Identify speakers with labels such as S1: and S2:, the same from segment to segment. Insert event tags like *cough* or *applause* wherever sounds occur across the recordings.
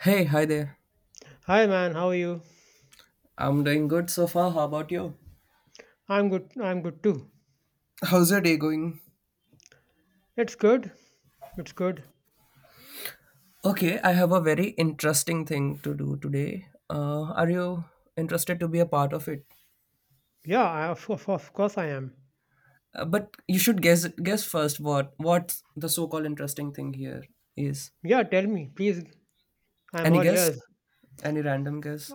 S1: Hey, hi there.
S2: Hi man, how are you?
S1: I'm doing good so far. How about you?
S2: I'm good. I'm good too.
S1: How's your day going?
S2: It's good. It's good.
S1: Okay, I have a very interesting thing to do today. Are you interested to be a part of it?
S2: Yeah, of course I am.
S1: But you should guess first what the so-called interesting thing here is.
S2: Yeah, tell me, please. I'm
S1: Any
S2: all
S1: guess?
S2: ears.
S1: Any random guess?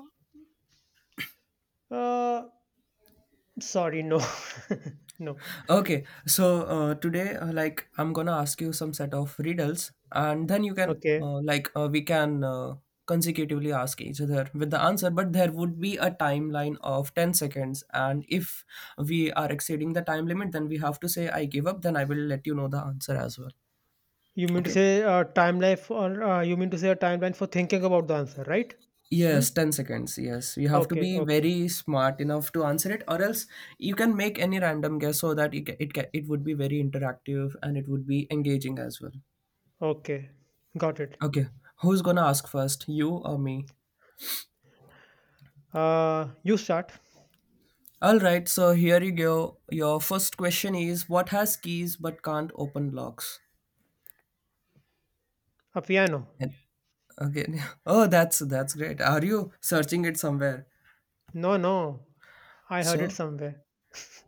S2: Uh, Sorry, no, *laughs* no.
S1: Okay, so today, like, I'm gonna ask you some set of riddles, and then you can,
S2: Okay.
S1: like, we can consecutively ask each other with the answer, but there would be a timeline of 10 seconds. And if we are exceeding the time limit, then we have to say, I give up, then I will let you know the answer as well.
S2: You mean to
S1: Okay.
S2: say a timeline for? You mean to say a timeline for thinking about the answer, right? Hmm.
S1: Yes, 10 seconds. Yes, you have to
S2: Okay.
S1: be
S2: Okay.
S1: very smart enough to answer it, or else you can make any random guess so that it would be very interactive and it would be engaging as well.
S2: Okay. Got it.
S1: Okay, who's gonna ask first, you or me?
S2: You start.
S1: All right, so here you go. Your first question is, what has keys but can't open locks?
S2: A piano.
S1: And okay, *laughs* oh, that's great. Are you searching it somewhere?
S2: No, no. I heard it
S1: So
S2: somewhere.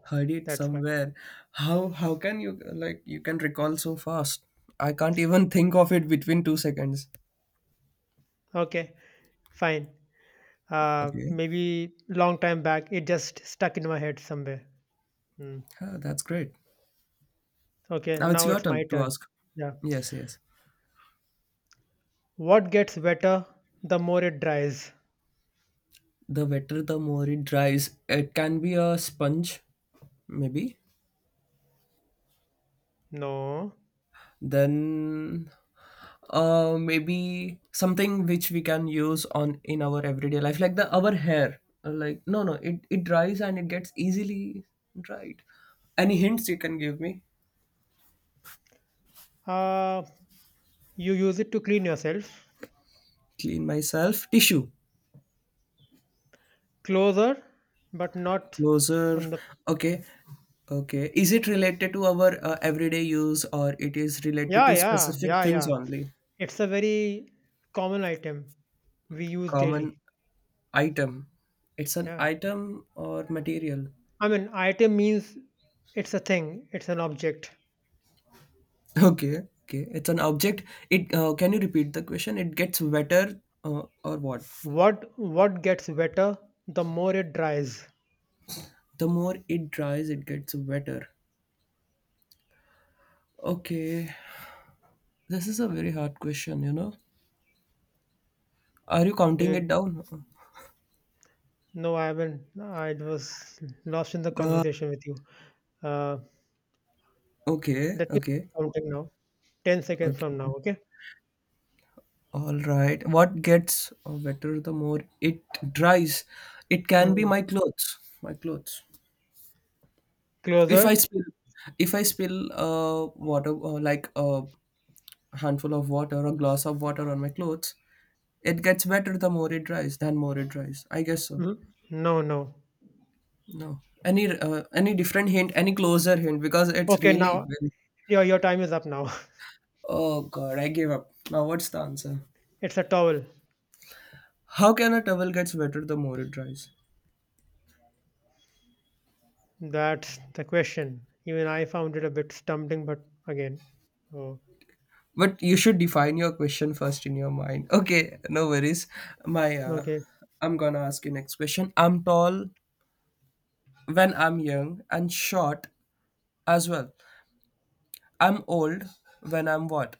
S1: heard
S2: *laughs*
S1: it
S2: That's why.
S1: somewhere. How can you like you can recall so fast? I can't even *laughs* think of it between 2 seconds.
S2: Okay. Fine.
S1: Okay,
S2: Maybe long time back, it just stuck in my head somewhere. Hmm.
S1: ah, that's great.
S2: Okay,
S1: Now it's
S2: now
S1: your
S2: it's my
S1: turn to
S2: turn.
S1: ask.
S2: Yeah.
S1: Yes, yes.
S2: What gets wetter the more it dries?
S1: The wetter, the more it dries. It can be a sponge, maybe.
S2: No.
S1: Then maybe something which we can use on in our everyday life like the our hair. Like, no, no, it dries and it gets easily dried. Any hints you can give me?
S2: Uh, you use it to clean yourself.
S1: Clean myself. Tissue.
S2: Closer, but not
S1: Closer.
S2: on the.
S1: Okay, okay, is it related to our everyday use or it is related
S2: Yeah,
S1: to
S2: yeah,
S1: specific
S2: yeah,
S1: things
S2: yeah.
S1: only?
S2: It's a very common item we use
S1: Common
S2: daily.
S1: item. It's an
S2: Yeah.
S1: item or material.
S2: I mean, item means it's a thing, it's an object.
S1: Okay, okay. It's an object. It, can you repeat the question? It gets wetter, or what?
S2: What gets wetter the more it dries?
S1: The more it dries, it gets wetter. Okay. This is a very hard question, you know. Are you
S2: Do
S1: counting it
S2: you
S1: down?
S2: No, I haven't. I was lost in the conversation with you. Uh,
S1: Okay,
S2: Let me
S1: okay,
S2: counting now. 10 seconds from now.
S1: okay.
S2: Okay.
S1: All right. What gets wetter the more it dries? It can be
S2: Hmm.
S1: my clothes. My clothes. If I
S2: Closer.
S1: spill, if I spill water, like a handful of water, a glass of water on my clothes. It gets better the more it dries, than more it dries, I guess so.
S2: Hmm. No, no.
S1: No. Any different hint, any closer hint, because it's
S2: Okay,
S1: really
S2: now
S1: been-
S2: your time is up. Now
S1: Oh god, I gave up. Now what's the answer?
S2: *laughs* it's a towel.
S1: How can a towel gets better the more it dries?
S2: That's the question. Even I found it a bit stumbling, but again. Oh,
S1: But you should define your question first in your mind. *laughs* Okay, no worries. My
S2: okay.
S1: I'm gonna ask you next question. I'm tall when I'm young and short as well. I'm old when I'm what?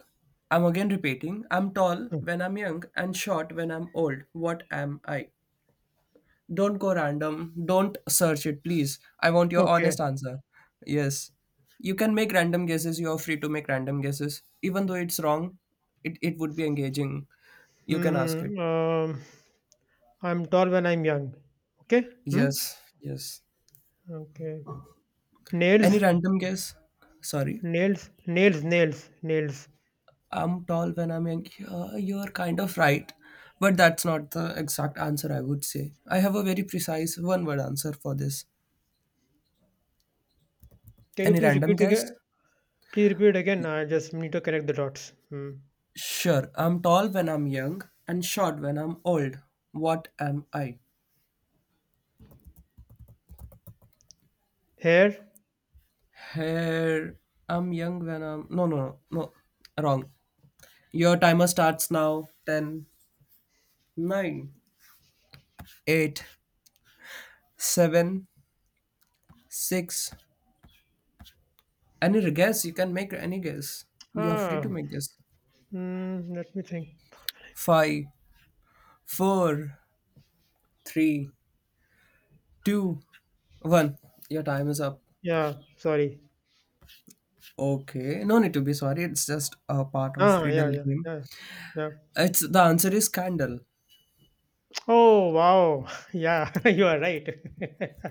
S1: I'm again repeating. I'm tall
S2: Hmm.
S1: when I'm young and short when I'm old. What am I? Don't go random. Don't search it, please. I want your
S2: Okay.
S1: honest answer. Yes. You can make random guesses. You're free to make random guesses. Even though it's wrong, it would be engaging. You can ask it.
S2: Hmm. I'm tall when I'm young. Okay. Hmm.
S1: Yes. Yes.
S2: Okay.
S1: Any
S2: Nails.
S1: random guess? Sorry.
S2: Nails. Nails. Nails. Nails.
S1: I'm tall when I'm young. Yeah, you're kind of right. But that's not the exact answer I would say. I have a very precise one word answer for this.
S2: Can you
S1: Any
S2: please
S1: random
S2: repeat
S1: guess?
S2: again? Please repeat again. I just need to connect the dots. Hmm.
S1: Sure. I'm tall when I'm young and short when I'm old. What am I?
S2: Hair?
S1: Hair. I'm young when I'm. No, no, no, no. Wrong. Your timer starts now. 10, 9, 8, 7, 6. Any guess? You can make any guess. You're free
S2: Ah,
S1: to make guess.
S2: Hmm. Let me think.
S1: 5, four, three, two, one. Your time is up.
S2: Yeah, sorry.
S1: Okay, no need to be sorry. It's just a part of
S2: Yeah,
S1: riddle
S2: yeah,
S1: game.
S2: yeah, yeah.
S1: It's the answer is candle.
S2: Oh, wow. *laughs* Yeah, *laughs* you are right. *laughs*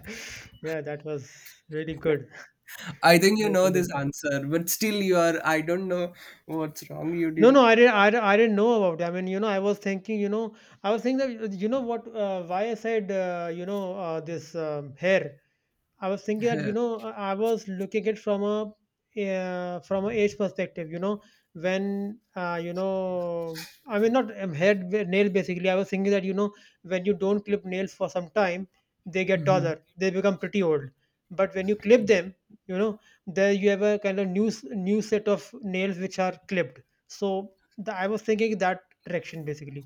S2: Yeah, that was really good.
S1: I think you
S2: Really
S1: know this
S2: good.
S1: answer, but still you are. I don't know what's wrong. You
S2: No, no,
S1: didn't
S2: I didn't, I didn't know about it. I mean, I was thinking, I was thinking that, what, why I said, this hair. I was thinking that
S1: hear.
S2: I was looking it from a age perspective. When not nail basically. I was thinking that when you don't clip nails for some time, they get
S1: Hmm.
S2: taller. They become pretty old. But when you clip them, you know there you have a kind of new set of nails which are clipped. So I was thinking that direction basically.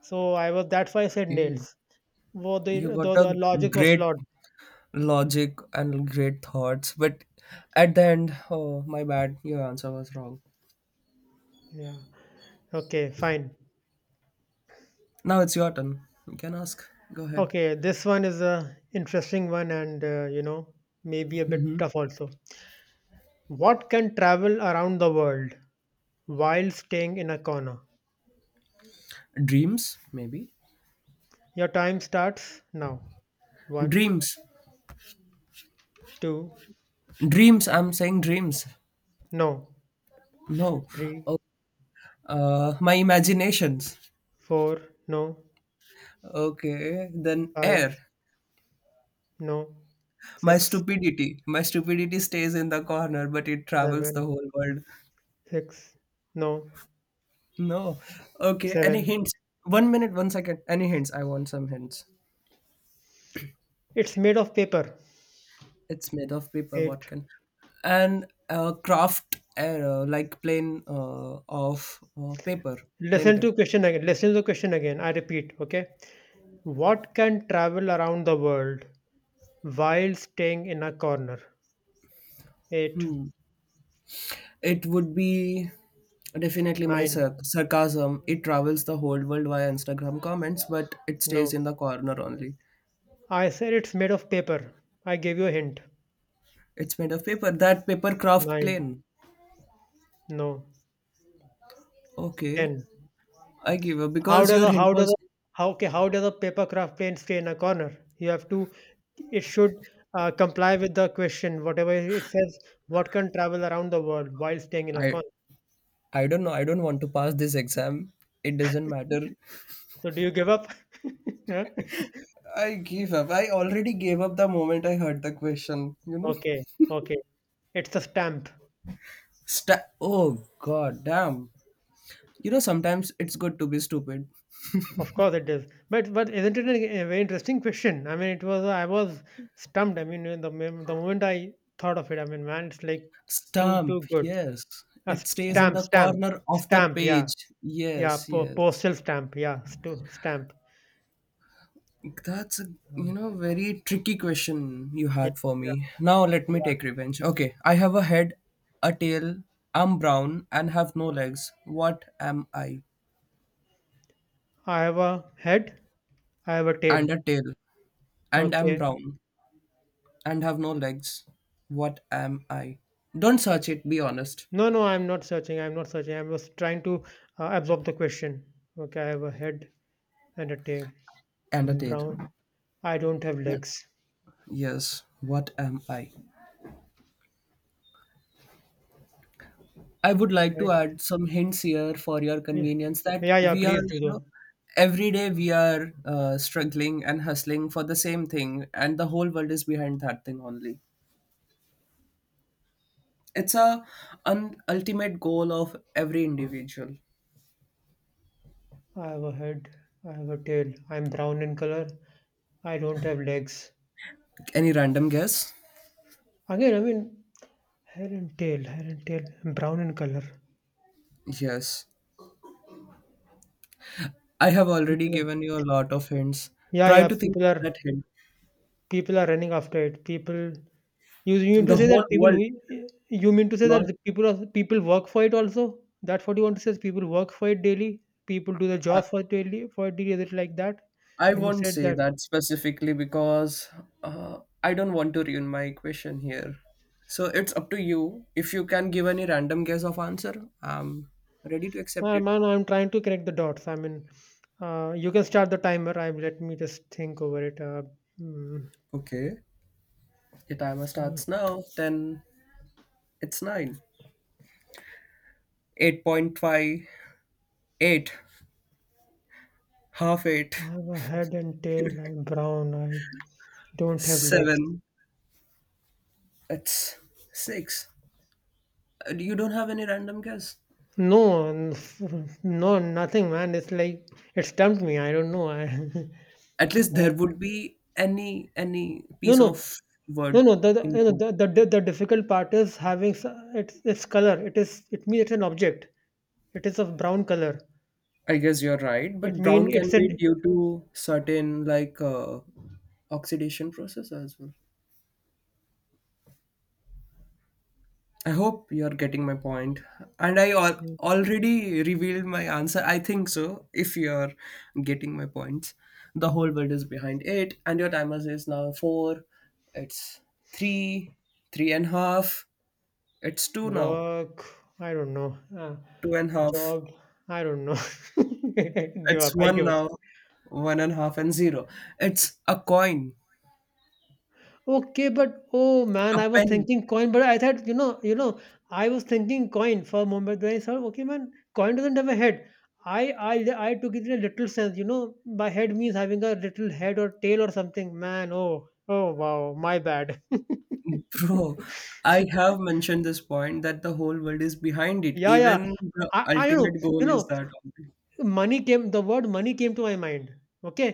S2: So I was that's why I said
S1: Okay,
S2: nails. Well,
S1: you
S2: the,
S1: got
S2: the
S1: a
S2: the logic was
S1: great
S2: flawed.
S1: logic and great thoughts, but at the end, oh my bad, your answer was wrong.
S2: Yeah. Okay, fine.
S1: Now it's your turn. You can ask. Go ahead.
S2: Okay, this one is a interesting one and maybe a
S1: Hmm.
S2: bit tough also. What can travel around the world while staying in a corner?
S1: Dreams, maybe.
S2: Your time starts now. One,
S1: Dreams,
S2: two,
S1: dreams, I'm saying dreams.
S2: no.
S1: No.
S2: Three,
S1: Oh, my imaginations.
S2: four, no.
S1: Okay, then
S2: Five,
S1: air.
S2: no.
S1: my
S2: Six,
S1: stupidity my stupidity stays in the corner, but it travels the
S2: seven,
S1: whole world.
S2: six, no.
S1: No. Okay, any
S2: Seven.
S1: hints? One minute, one second. Any hints? I want some hints.
S2: It's made of paper.
S1: It's made of paper. What
S2: Eight.
S1: can? And, craft air, like plane, of paper. Plain
S2: Listen
S1: paper.
S2: to question again. Listen to question again. I repeat. Okay. What can travel around the world while staying in a corner? 8.
S1: It would be definitely my
S2: 9.
S1: sarcasm. It travels the whole world via Instagram comments, but it stays
S2: No.
S1: in the corner only.
S2: I said it's made of paper. I gave you a hint.
S1: It's made of paper. That paper craft
S2: 9.
S1: plane.
S2: No.
S1: Okay,
S2: 10.
S1: I give up
S2: How
S1: because
S2: does
S1: your
S2: a
S1: hint
S2: how does a
S1: was.
S2: how okay, how does a paper craft plane stay in a corner? You have to It should comply with the question. Whatever it says, what can travel around the world while staying in a
S1: I
S2: corner?
S1: I don't know. I don't want to pass this exam. It doesn't matter.
S2: So do you give up? *laughs* Huh?
S1: I give up. I already gave up the moment I heard the question. You know.
S2: Okay, okay. It's a stamp.
S1: Oh god damn. You know sometimes it's good to be stupid.
S2: Of course it is, but isn't it a very interesting question? I mean, it was I was stumped. I mean, when the moment I thought of it, I mean, man, it's like so
S1: Stamp,
S2: too good.
S1: yes.
S2: A s-
S1: It stays in
S2: stamp,
S1: the
S2: stamp,
S1: corner of the
S2: stamp. Yeah,
S1: page.
S2: yeah.
S1: Yes, yes.
S2: Postal stamp. Yeah, stamp.
S1: That's a,
S2: Mm.
S1: very tricky question you
S2: Yeah,
S1: had for
S2: yeah,
S1: me. Now let me
S2: yeah.
S1: take revenge. Okay, I have a head, a tail, I'm brown and have no legs. What am I?
S2: I have a head. I have a tail.
S1: And a tail. And I'm
S2: Okay.
S1: brown and have no legs. What am I? Don't search it, be honest.
S2: No, no, I'm not searching. I'm not searching. I was trying to absorb the question. Okay, I have a head and a tail.
S1: And a
S2: I'm
S1: tail.
S2: brown. I don't have
S1: And-
S2: legs.
S1: Yes, what am I? I would like to add some hints here for your
S2: Yeah,
S1: convenience that
S2: yeah, yeah,
S1: we are,
S2: please do though.
S1: every day we are struggling and hustling for the same thing, and the whole world is behind that thing only. It's a an ultimate goal of every individual.
S2: I have a head, I have a tail, I'm brown in color, I don't have legs.
S1: Any random guess?
S2: Again, I mean, hair and tail, brown in color.
S1: Yes, I have already
S2: People are,
S1: given you a lot of hints.
S2: yeah,
S1: Try
S2: yeah,
S1: to think
S2: people
S1: of
S2: are,
S1: that hint.
S2: people are running after it. You mean
S1: The
S2: to say
S1: whole
S2: that people,
S1: world,
S2: who- you mean to say
S1: not
S2: that the people work for it also? That's what you want to say? Is people work for it daily? People do the
S1: I,
S2: jobs for it daily, is it like that?
S1: I
S2: When you
S1: won't
S2: said
S1: say
S2: that.
S1: that specifically because I don't want to ruin my question here. So it's up to you. If you can give any random guess of answer, I'm ready to accept it.
S2: Man, I'm trying to connect the dots. I mean, you can start the timer. I Let me just think over it. Mm,
S1: Okay. The timer
S2: mm.
S1: starts now. Then it's nine. 8.5. Eight. Half
S2: I
S1: eight.
S2: have a head and tail. I'm brown. I don't have legs.
S1: Seven. It's six. You don't have any random guess.
S2: No, *laughs* no, nothing, man. It's like it stumped me. I don't know. I,
S1: At
S2: *laughs*
S1: least
S2: Uh,
S1: there would be any
S2: no,
S1: piece
S2: no,
S1: of
S2: no,
S1: word
S2: no.
S1: in
S2: The, you
S1: your
S2: know,
S1: mind.
S2: the di- the difficult part is having its color. It is. It means it's an object. It is of brown color.
S1: I guess you're right,
S2: It
S1: but
S2: mean
S1: brown can
S2: it's
S1: be
S2: an
S1: due to certain like oxidation process as well. I hope you're getting my point, and I already revealed my answer. I think so. If you're getting my points, the whole world is behind it, and your timer is now four. It's three, three and a half. It's two now,
S2: Work, I don't know.
S1: two and a half.
S2: Job, I don't know. *laughs* Give up.
S1: It's
S2: I
S1: one
S2: give up.
S1: now, one and a half and zero. It's a coin,
S2: Okay, but oh man,
S1: a
S2: I was
S1: penny.
S2: thinking coin, but I thought, I was thinking coin for Mumbai. Then I thought, okay, man, coin doesn't have a head. I took it in a literal sense. You know, by head means having a little head or tail or something. Man, oh wow, my bad. *laughs*
S1: Bro, I have mentioned this point that the whole world is behind it.
S2: Yeah, yeah.
S1: Even the
S2: I don't know.
S1: ultimate goal
S2: You
S1: is
S2: know,
S1: that only.
S2: money came the word money came to my mind. Okay,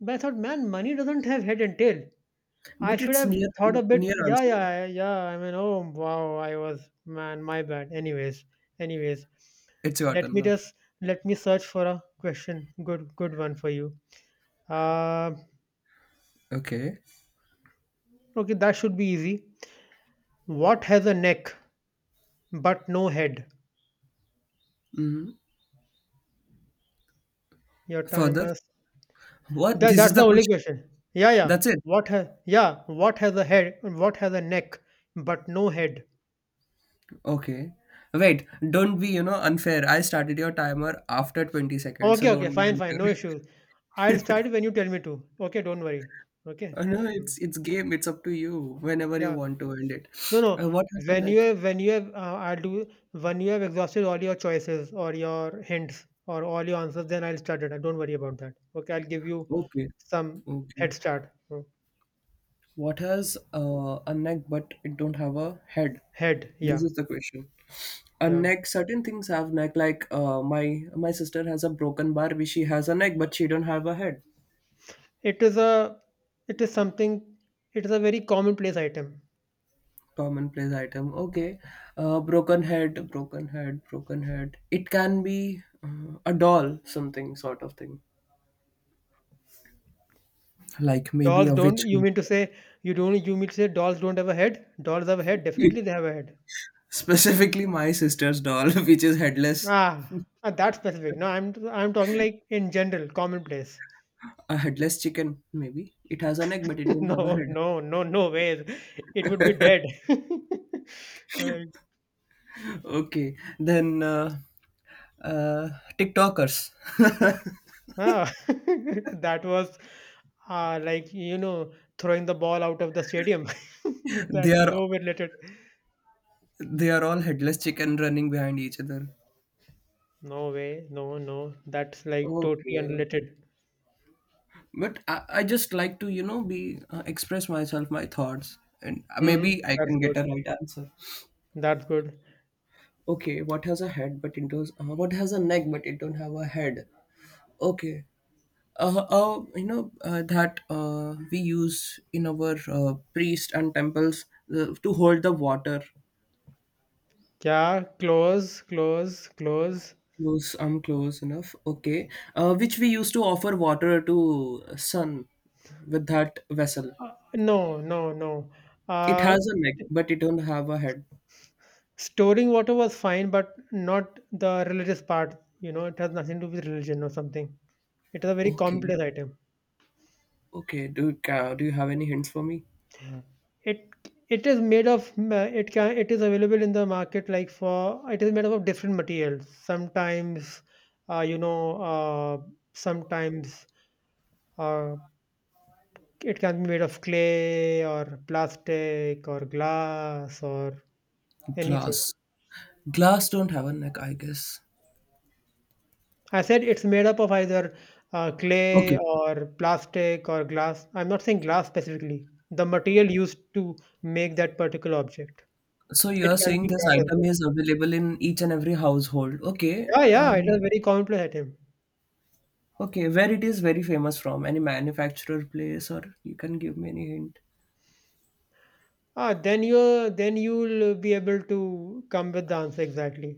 S2: but I thought, man, money doesn't have head and tail. I
S1: But
S2: should
S1: it's
S2: have
S1: near
S2: thought a bit.
S1: near
S2: Yeah,
S1: answer. Na?
S2: yeah, yeah. I mean, oh wow, I was. Man, my bad. Anyways, anyways
S1: It's your
S2: let
S1: turn
S2: me
S1: now.
S2: just let me search for a question, good one for you. uh,
S1: Okay.
S2: okay, that should be easy. What has a neck but no head?
S1: Hmm.
S2: Your time
S1: Further.
S2: is
S1: What?
S2: that,
S1: This is
S2: that's the
S1: the
S2: only
S1: question.
S2: question. Yeah, yeah.
S1: That's it.
S2: What has yeah what has a neck but no head?
S1: Okay. Wait, don't be, unfair. I started your timer after 20 seconds, so
S2: Okay, okay,
S1: don't be
S2: fine, fine,
S1: unfair.
S2: no
S1: *laughs*
S2: issues. I'll start when you tell me to. Okay, don't worry. Okay.
S1: Oh, no,
S2: Mm.
S1: it's game. It's up to you whenever you
S2: Yeah.
S1: want to end it.
S2: No, no.
S1: What has a neck?
S2: When you have, I'll do. When you have exhausted all your choices or your hints or all your answers, then I'll start it. Don't worry about that. Okay, I'll give you
S1: Okay.
S2: some
S1: Okay.
S2: head start. Mm.
S1: What has a neck but it don't have a head?
S2: Head.
S1: This
S2: Yeah,
S1: is the question. A
S2: yeah.
S1: neck. Certain things have neck. Like my sister has a broken Barbie. She has a neck but she don't have a head.
S2: It is a, it is something. It is a very commonplace item.
S1: Commonplace item. Okay. Broken head. Broken head. Broken head. It can be a doll. Something sort of thing. Like maybe
S2: Dolls
S1: a
S2: don't.
S1: witch
S2: You
S1: doll.
S2: mean to say you don't? You mean to say dolls don't have a head? Dolls have a head. Definitely, they
S1: *laughs*
S2: have a head.
S1: Specifically, my sister's doll, *laughs* which is headless.
S2: That specific. No, I'm talking like in general, commonplace.
S1: A headless chicken. Maybe it has a neck but it
S2: *laughs*
S1: don't have a
S2: No,
S1: head.
S2: no, no, no way. It would be dead. *laughs* Like,
S1: Okay, then uh, TikTokers. *laughs*
S2: ah, *laughs* that was like throwing the ball out of the stadium. *laughs* That
S1: they are
S2: no related.
S1: they are all headless chicken running behind each other.
S2: No way. No, no. That's like totally
S1: Okay,
S2: unrelated.
S1: but I just like to be, express myself my thoughts and
S2: Mm-hmm.
S1: maybe I
S2: That's
S1: can
S2: good.
S1: get a right answer.
S2: That's good.
S1: Okay, what has a neck but it don't have a head? Okay. That we use in our priest and temples to hold the water.
S2: Yeah, close, close, close.
S1: Close, I'm close enough. Okay. Which we used to offer water to sun with that vessel.
S2: No, no, no.
S1: It
S2: Uh,
S1: has a neck, but it don't have a head.
S2: Storing water was fine, but not the religious part. You know, it has nothing to do with religion or something. It is a very
S1: Okay.
S2: complex item.
S1: Okay. Do you have any hints for me?
S2: It it is made of it is available in the market, like, for it is made up of different materials. Uh, you know, uh, Sometimes uh, it can be made of clay or plastic or glass or anything.
S1: Glass. Glass don't have a neck, I guess.
S2: I said it's made up of either clay
S1: Okay.
S2: or plastic or glass. I'm not saying glass specifically. The material used to make that particular object.
S1: So you're
S2: It can
S1: saying
S2: be
S1: this
S2: glass as
S1: item
S2: well.
S1: is available in each and every household. Okay.
S2: Yeah, yeah, it
S1: And
S2: is a very commonplace item.
S1: okay, where it is very famous from? Any manufacturer place or you can give me any hint?
S2: Ah, then you then you'll be able to come with the answer exactly.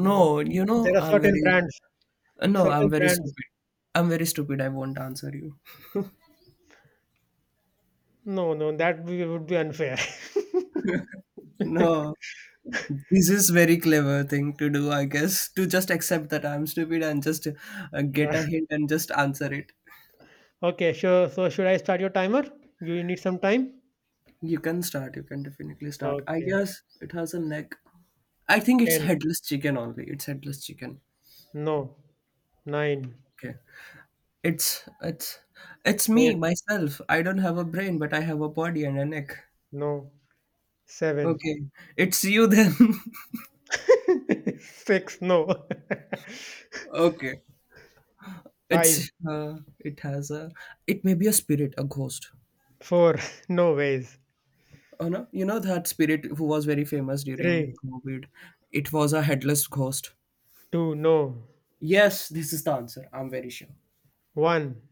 S2: No.
S1: you know,
S2: There are
S1: I'm
S2: certain
S1: very.
S2: brands,
S1: No,
S2: certain
S1: I'm very
S2: brands.
S1: stupid. I'm very stupid. I won't answer you.
S2: No, no, that would be unfair. *laughs*
S1: No, this is very clever thing to do, I guess, to just accept that I'm stupid and just get a hint and just answer it.
S2: Okay, sure. So should I start your timer? You need some time?
S1: You can start. You can definitely start. I
S2: Okay,
S1: guess it has a neck. I think it's
S2: 10.
S1: headless chicken only. It's headless chicken.
S2: No. 9,
S1: Okay. It's it's it's me
S2: 8,
S1: myself. I don't have a brain, but I have a body and a neck.
S2: no, 7,
S1: Okay. It's you then.
S2: *laughs* 6, no,
S1: *laughs* Okay.
S2: *laughs* 5,
S1: It's uh, it has a it may be a spirit, a ghost.
S2: 4, no ways,
S1: Oh no, you know that spirit who was very famous during
S2: 3,
S1: COVID. It was a headless ghost.
S2: 2, no,
S1: Yes, this is the answer. I'm very sure.
S2: one,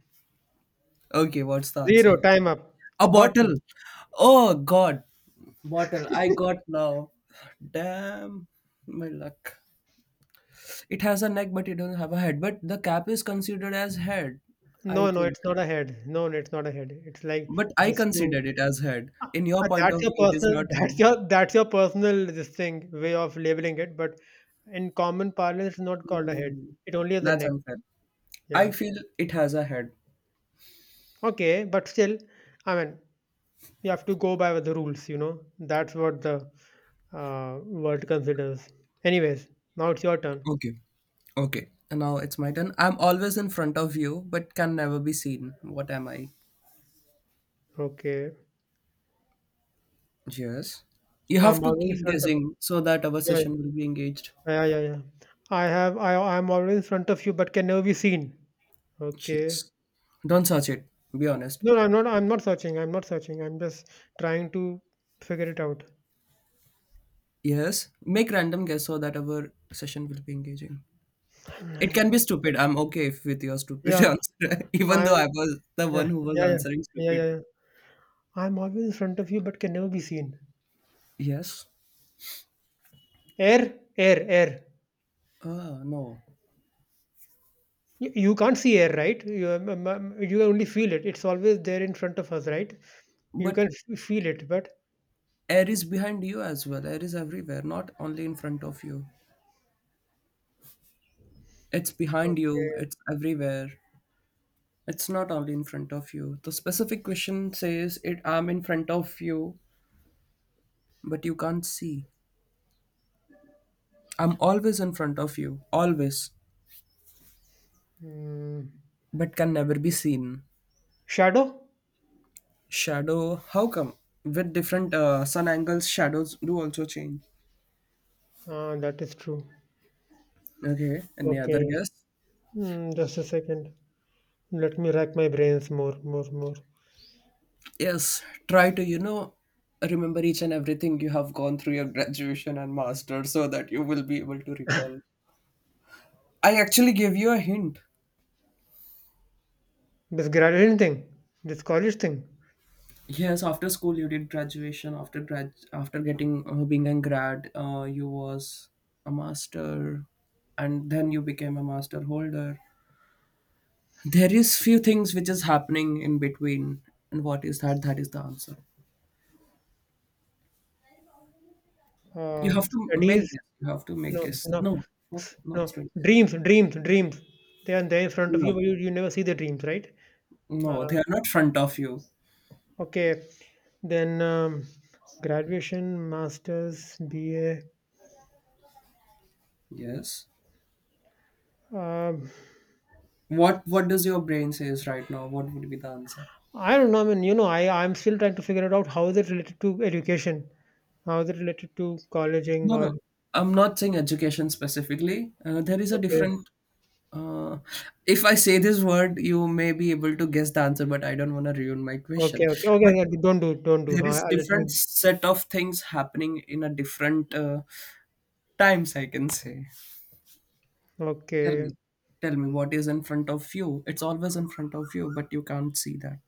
S1: Okay, what's the
S2: zero.
S1: answer?
S2: Time up.
S1: A
S2: A bottle.
S1: bottle. Oh God, bottle. I got now. Damn, my luck. It has a neck, but it doesn't have a head. But the cap is considered as head, I
S2: No, no,
S1: think.
S2: it's not a head. No, no, it's not a head. It's like
S1: But I
S2: just to.
S1: considered it as head. In your point
S2: That's
S1: of
S2: your
S1: view, it is
S2: personal.
S1: not
S2: *laughs*
S1: head.
S2: That's your personal. This thing way of labeling it, but in common parlance, it's not called a head.
S1: Mm,
S2: It only has a
S1: that's
S2: neck.
S1: unfair.
S2: Yeah.
S1: I feel it has a head.
S2: Okay, but still, I mean, you have to go by the rules. You know, that's what the world considers. Anyways, now it's your turn.
S1: Okay. Okay. And now it's my turn. I'm always in front of you, but can never be seen. What am I?
S2: Okay,
S1: Yes. You
S2: I'm
S1: have to
S2: always in
S1: keep
S2: front of,
S1: guessing so that our
S2: yeah,
S1: session will be engaged.
S2: yeah, yeah, yeah. I'm always in front of you, but can never be seen. Okay.
S1: Yes. Don't search it. Be honest.
S2: No, no, I'm not. I'm not searching. I'm not searching. I'm just trying to figure it out.
S1: Yes. Make random guess so that our session will be engaging.
S2: I'm
S1: It
S2: like,
S1: can be stupid. I'm okay if with your stupid
S2: yeah,
S1: *laughs* answer, even though
S2: I'm
S1: I was the
S2: yeah,
S1: one who was
S2: yeah, yeah,
S1: answering
S2: yeah, yeah,
S1: stupid.
S2: yeah. I'm always in front of you, but can never be seen.
S1: Yes.
S2: Air, air, air.
S1: Ah, no.
S2: You can't see air, right? You only feel it. It's always there in front of us, right? You
S1: But
S2: can feel it, but.
S1: air is behind you as well, air is everywhere, not only in front of you. It's behind you,
S2: Okay.
S1: it's everywhere. It's not only in front of you. The specific question says it, I'm in front of you, but you can't see. I'm always in front of you, always,
S2: Mm.
S1: but can never be seen.
S2: Shadow?
S1: Shadow? How come? With different sun angles shadows do also change.
S2: Ah, that is true.
S1: Okay, any other
S2: Okay.
S1: guess?
S2: Just a second. Let me rack my brains more, more, more.
S1: Yes, try to, you know, remember each and everything you have gone through your graduation and master so that you will be able to recall. I actually gave you a hint.
S2: This graduation thing, this college thing,
S1: Yes, after school you did graduation. After grad, after getting being a grad, you was a master, and then you became a master holder. There is few things which is happening in between, and what is that? That is the answer. You
S2: uh,
S1: have to
S2: studies,
S1: make guess. You have to make
S2: no,
S1: guess.
S2: no,
S1: No, not, not
S2: no,
S1: straight.
S2: dreams, dreams, dreams. They are there in front of
S1: No.
S2: you, but you never see the dreams, right?
S1: No,
S2: Uh,
S1: they are not front of you.
S2: okay. Then graduation, masters, BA.
S1: Yes.
S2: Um,
S1: What does your brain says right now? What would be the answer?
S2: I don't know. I mean, I'm still trying to figure it out. How is it related to education? How is it related to colleging
S1: No, no.
S2: or
S1: I'm not saying education specifically. There is a
S2: okay,
S1: different. Uh, if I say this word, you may be able to guess the answer, but I don't want to ruin my
S2: okay,
S1: question.
S2: okay, okay,
S1: But
S2: okay, don't do don't do.
S1: there
S2: Huh?
S1: is
S2: Let me.
S1: different set of things happening in a different times. I can say. Tell
S2: Okay,
S1: me, tell me what is in front of you. It's always in front of you, but you can't see that.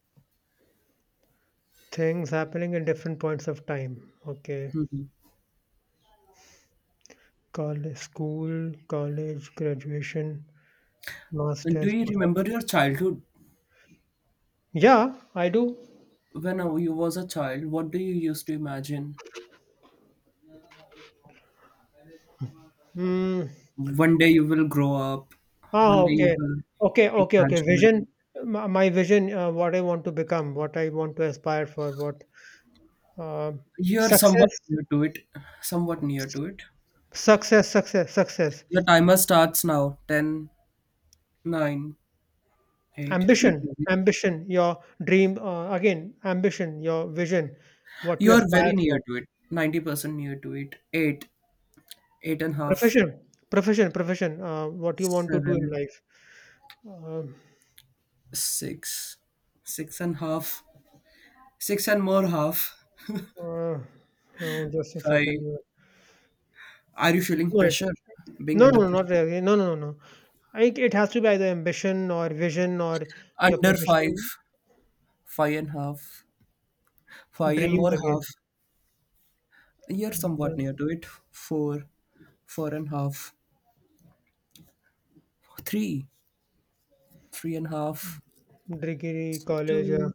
S2: things happening in different points of time. Okay, college, school, college, graduation,
S1: And do
S2: masters.
S1: you
S2: What
S1: remember
S2: happened?
S1: your childhood?
S2: Yeah, I do.
S1: When you was a child, what do you used to imagine?
S2: Mm.
S1: One day you will grow up.
S2: Ah,
S1: One day you
S2: okay,
S1: will
S2: okay,
S1: be
S2: okay, okay.
S1: graduated.
S2: Vision, my vision, what I want to become, what I want to aspire for, what uh,
S1: You're
S2: success,
S1: somewhat near to it. Somewhat near to it.
S2: success, success, success.
S1: Your timer starts now. 10, nine, 8.
S2: Ambition,
S1: Keep going.
S2: ambition, your dream, again ambition, your vision, what you
S1: You are
S2: aspire
S1: very near
S2: for,
S1: to it. 90% near to it. 8, 8 and a half,
S2: profession, profession, profession, what you want to do in
S1: 7,
S2: life. um,
S1: six, six and a half, 6 and more half,
S2: uh, oh, just a
S1: 5.
S2: second here.
S1: Are you feeling
S2: No,
S1: pressure? Being
S2: no,
S1: under
S2: no, not
S1: pressure?
S2: really, no, no, no, no, it has to be either ambition or vision or your
S1: Under 5.
S2: profession,
S1: Five and half, five and
S2: dreams
S1: more
S2: again,
S1: half. You're somewhat
S2: dream,
S1: near to it. Four, four and half, three, three and half.
S2: degree,
S1: It's
S2: college,
S1: two.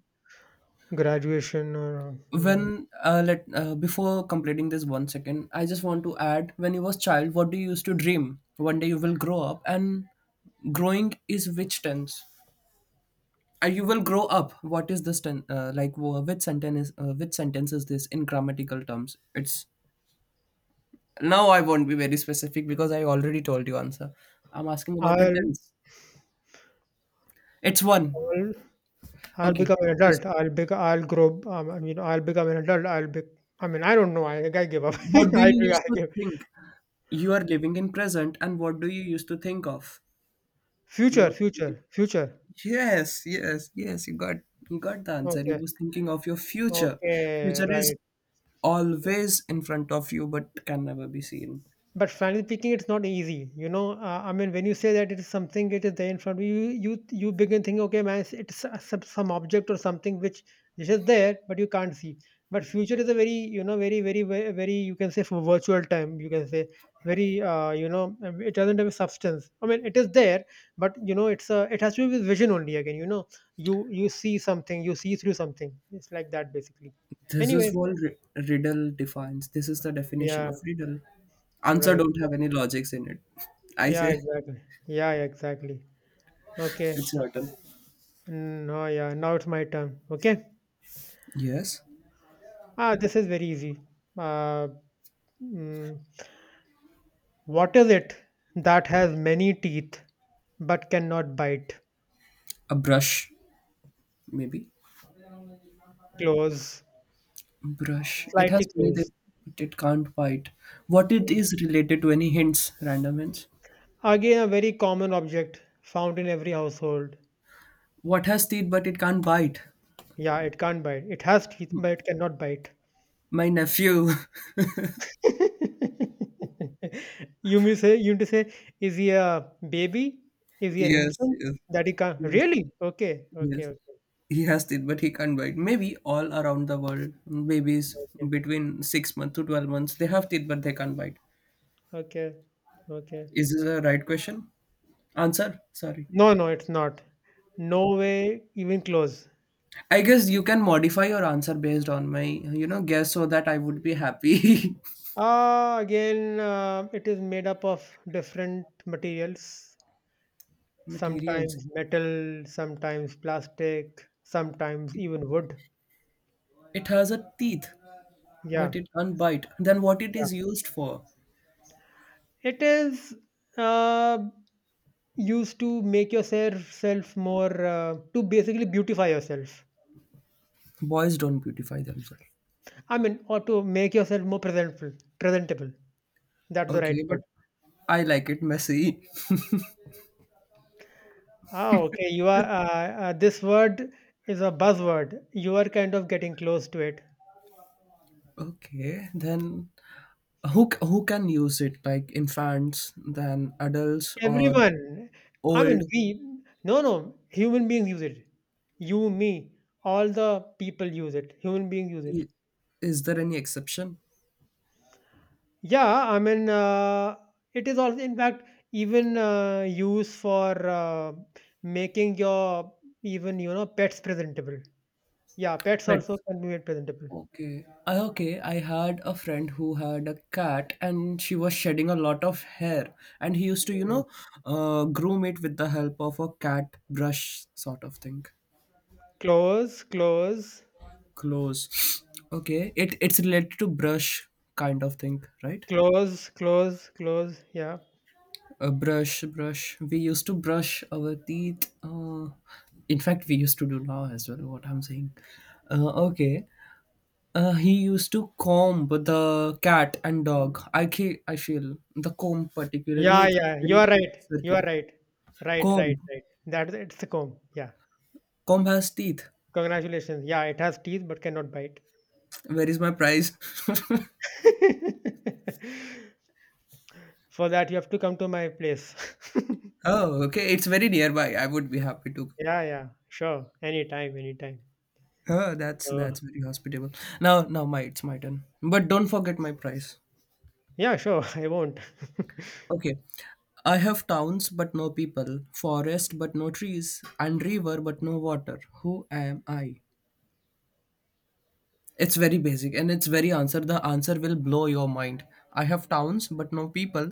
S2: graduation, or mm,
S1: When let before completing this 1 second, I just want to add. When you was child, what do you used to dream? One day you will grow up, and growing is which tense? You will grow up. What is this ten? Like which sentence? Is, which sentence is this in grammatical terms? It's Now I won't be very specific because I already told you answer. I'm asking about a
S2: all,
S1: tense. It's one.
S2: all. I'll
S1: Okay.
S2: become an
S1: Just
S2: adult. I'll grow, I mean, I'll become an adult. I'll be. I mean, I don't know. I give up. *laughs*
S1: what do
S2: I
S1: you
S2: do.
S1: used
S2: I
S1: to
S2: give.
S1: think? You are living in present and what do you used to think of? You
S2: Future,
S1: were thinking,
S2: future, future.
S1: yes, yes, yes, you got the answer. You
S2: Okay.
S1: was thinking of your future.
S2: Okay.
S1: Future is
S2: Right.
S1: always in front of you but can never be seen.
S2: But frankly speaking, it's not easy. I mean, when you say that it is something, it is there in front of you. You begin thinking, okay, man, it's some object or something which is just there, but you can't see. But future is a very, very, very, very, very, you can say for virtual time. You can say very, it doesn't have a substance. I mean, it is there, but it has to be with vision only. Again, you see something, you see through something. It's like that basically.
S1: This is
S2: Anyways,
S1: what ri- Riddle defines. This is the definition
S2: yeah,
S1: of riddle. Answer
S2: right,
S1: don't have any logics in it. I
S2: yeah,
S1: say
S2: exactly, yeah, yeah, exactly. Okay.
S1: It's your turn.
S2: No, yeah, now it's my turn. Okay.
S1: Yes.
S2: Ah, this is very easy. Uh, mm, what is it that has many teeth but cannot bite?
S1: A brush, maybe.
S2: Close,
S1: Brush. It
S2: slightly
S1: has many
S2: close.
S1: things, but it can't bite. What it
S2: Mm.
S1: is related to? Any hints? Random hints.
S2: Again, a very common object found in every household.
S1: What has teeth but it can't bite?
S2: Yeah, it can't bite. It has teeth, but it cannot bite.
S1: My nephew. *laughs*
S2: *laughs* You may say, you need to say, is he a baby? Is he an
S1: Yes,
S2: infant?
S1: yes,
S2: That he can't.
S1: yes,
S2: Really? Okay, okay,
S1: yes.
S2: okay,
S1: He has teeth but he can't bite. Maybe all around the world, babies
S2: okay,
S1: between 6 months to 12 months, they have teeth but they can't bite.
S2: okay, okay.
S1: Is this a right question? Answer? Sorry.
S2: No, no, it's not. No way, even close.
S1: I guess you can modify your answer based on my, you know, guess so that I would be happy.
S2: Again, it is made up of different materials,
S1: *laughs* Materials.
S2: sometimes metal, sometimes plastic, sometimes even wood.
S1: It has a teeth,
S2: Yeah,
S1: but it can't bite. Then what it
S2: yeah.
S1: is used for?
S2: It is uh, used to make yourself self more, to basically beautify yourself.
S1: Boys don't beautify themselves.
S2: I mean, or to make yourself more presentable. Presentable. That's the right
S1: Okay, but
S2: word.
S1: I like it messy. *laughs*
S2: Ah, okay. You are this word is a buzzword. You are kind of getting close to it.
S1: Okay, then who can use it? Like infants, then adults or
S2: Everyone, I
S1: old?
S2: mean, no, no, human beings use it. You, me, all the people use it. Human beings use it.
S1: I- Is there any exception?
S2: Yeah, I mean, it is also, in fact, even used for making your even, pets presentable. Yeah, pets also
S1: Pets.
S2: can be made presentable.
S1: Okay. I, okay. I had a friend who had a cat and she was shedding a lot of hair. And he used to, you
S2: Mm.
S1: know, groom it with the help of a cat brush sort of thing.
S2: Close, close,
S1: Close. *sniffs* Okay. It's related to brush kind of thing, right?
S2: close, close, close. Yeah.
S1: A brush. We used to brush our teeth. In fact, we used to do now as well, what I'm saying. Okay. He used to comb the cat and dog. I feel the comb particularly
S2: Yeah,
S1: it's
S2: yeah, you are
S1: very
S2: right. You are
S1: circular.
S2: right. Right, right,
S1: Comb,
S2: right. That's it's a comb. Yeah.
S1: Comb has teeth.
S2: Congratulations. Yeah, it has teeth but cannot bite. *laughs*
S1: Where is my prize? *laughs*
S2: For that, you have to come to my place.
S1: Oh, okay. It's very nearby. I would be happy to.
S2: *laughs* Yeah, yeah, sure. Anytime, anytime.
S1: Oh, that's
S2: Uh,
S1: that's very hospitable. Now, now my it's my turn. But don't forget my prize.
S2: yeah, sure. *laughs* I won't.
S1: Okay, I have towns but no people, forest but no trees, and river but no water. Who am I? It's very basic and it's very answer. The answer will blow your mind. I have towns but no people.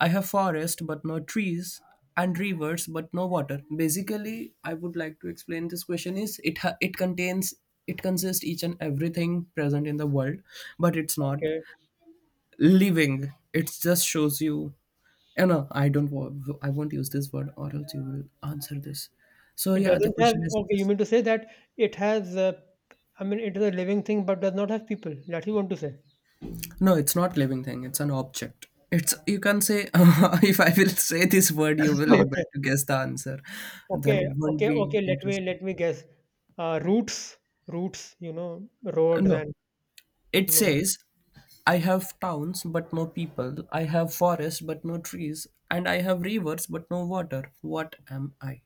S1: I have forest but no trees and rivers but no water. Basically, I would like to explain this question is it contains it consists each and everything present in the world, but it's not
S2: Okay.
S1: living. It just shows you You know, I don't. Wa- I won't use this word, or else you will answer this. So
S2: It
S1: yeah, the
S2: doesn't have.
S1: question is
S2: Okay, you mean to say that it has. I mean, it is a living thing, but does not have people. That you want to say? *laughs*
S1: No, it's not living thing. It's an object. It's you can say *laughs* if I will say this word, you will able
S2: Okay,
S1: to guess the answer. Then
S2: okay,
S1: it won't
S2: okay,
S1: be
S2: okay. Let me
S1: interesting.
S2: let me guess. Roots, roots. Roads
S1: No,
S2: and.
S1: it
S2: No.
S1: says I have towns but no people. I have forests but no trees, and I have rivers but no water. What am I?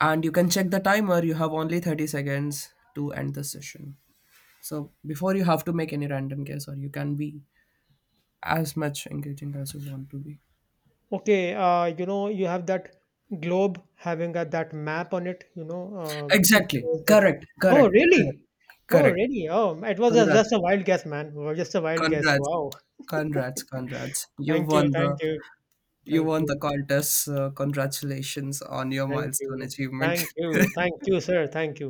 S1: And you can check the timer. You have only 30 seconds to end the session. So before you have to make any random guess, or you can be as much engaging as you want to be.
S2: Okay, you know, you have that globe that map on it, it
S1: Exactly.
S2: shows that.
S1: Correct,
S2: Oh,
S1: correct, correct,
S2: really? Oh,
S1: correct.
S2: really? Oh, it was just
S1: Congrats,
S2: a wild guess, man. It was just a wild guess.
S1: congrats,
S2: Wow. *laughs*
S1: congrats, congrats.
S2: Thank you, thank you,
S1: You
S2: thank
S1: won
S2: you,
S1: the contest. So congratulations on your
S2: thank
S1: milestone
S2: you,
S1: achievement.
S2: thank you,
S1: *laughs*
S2: thank you, sir. Thank you.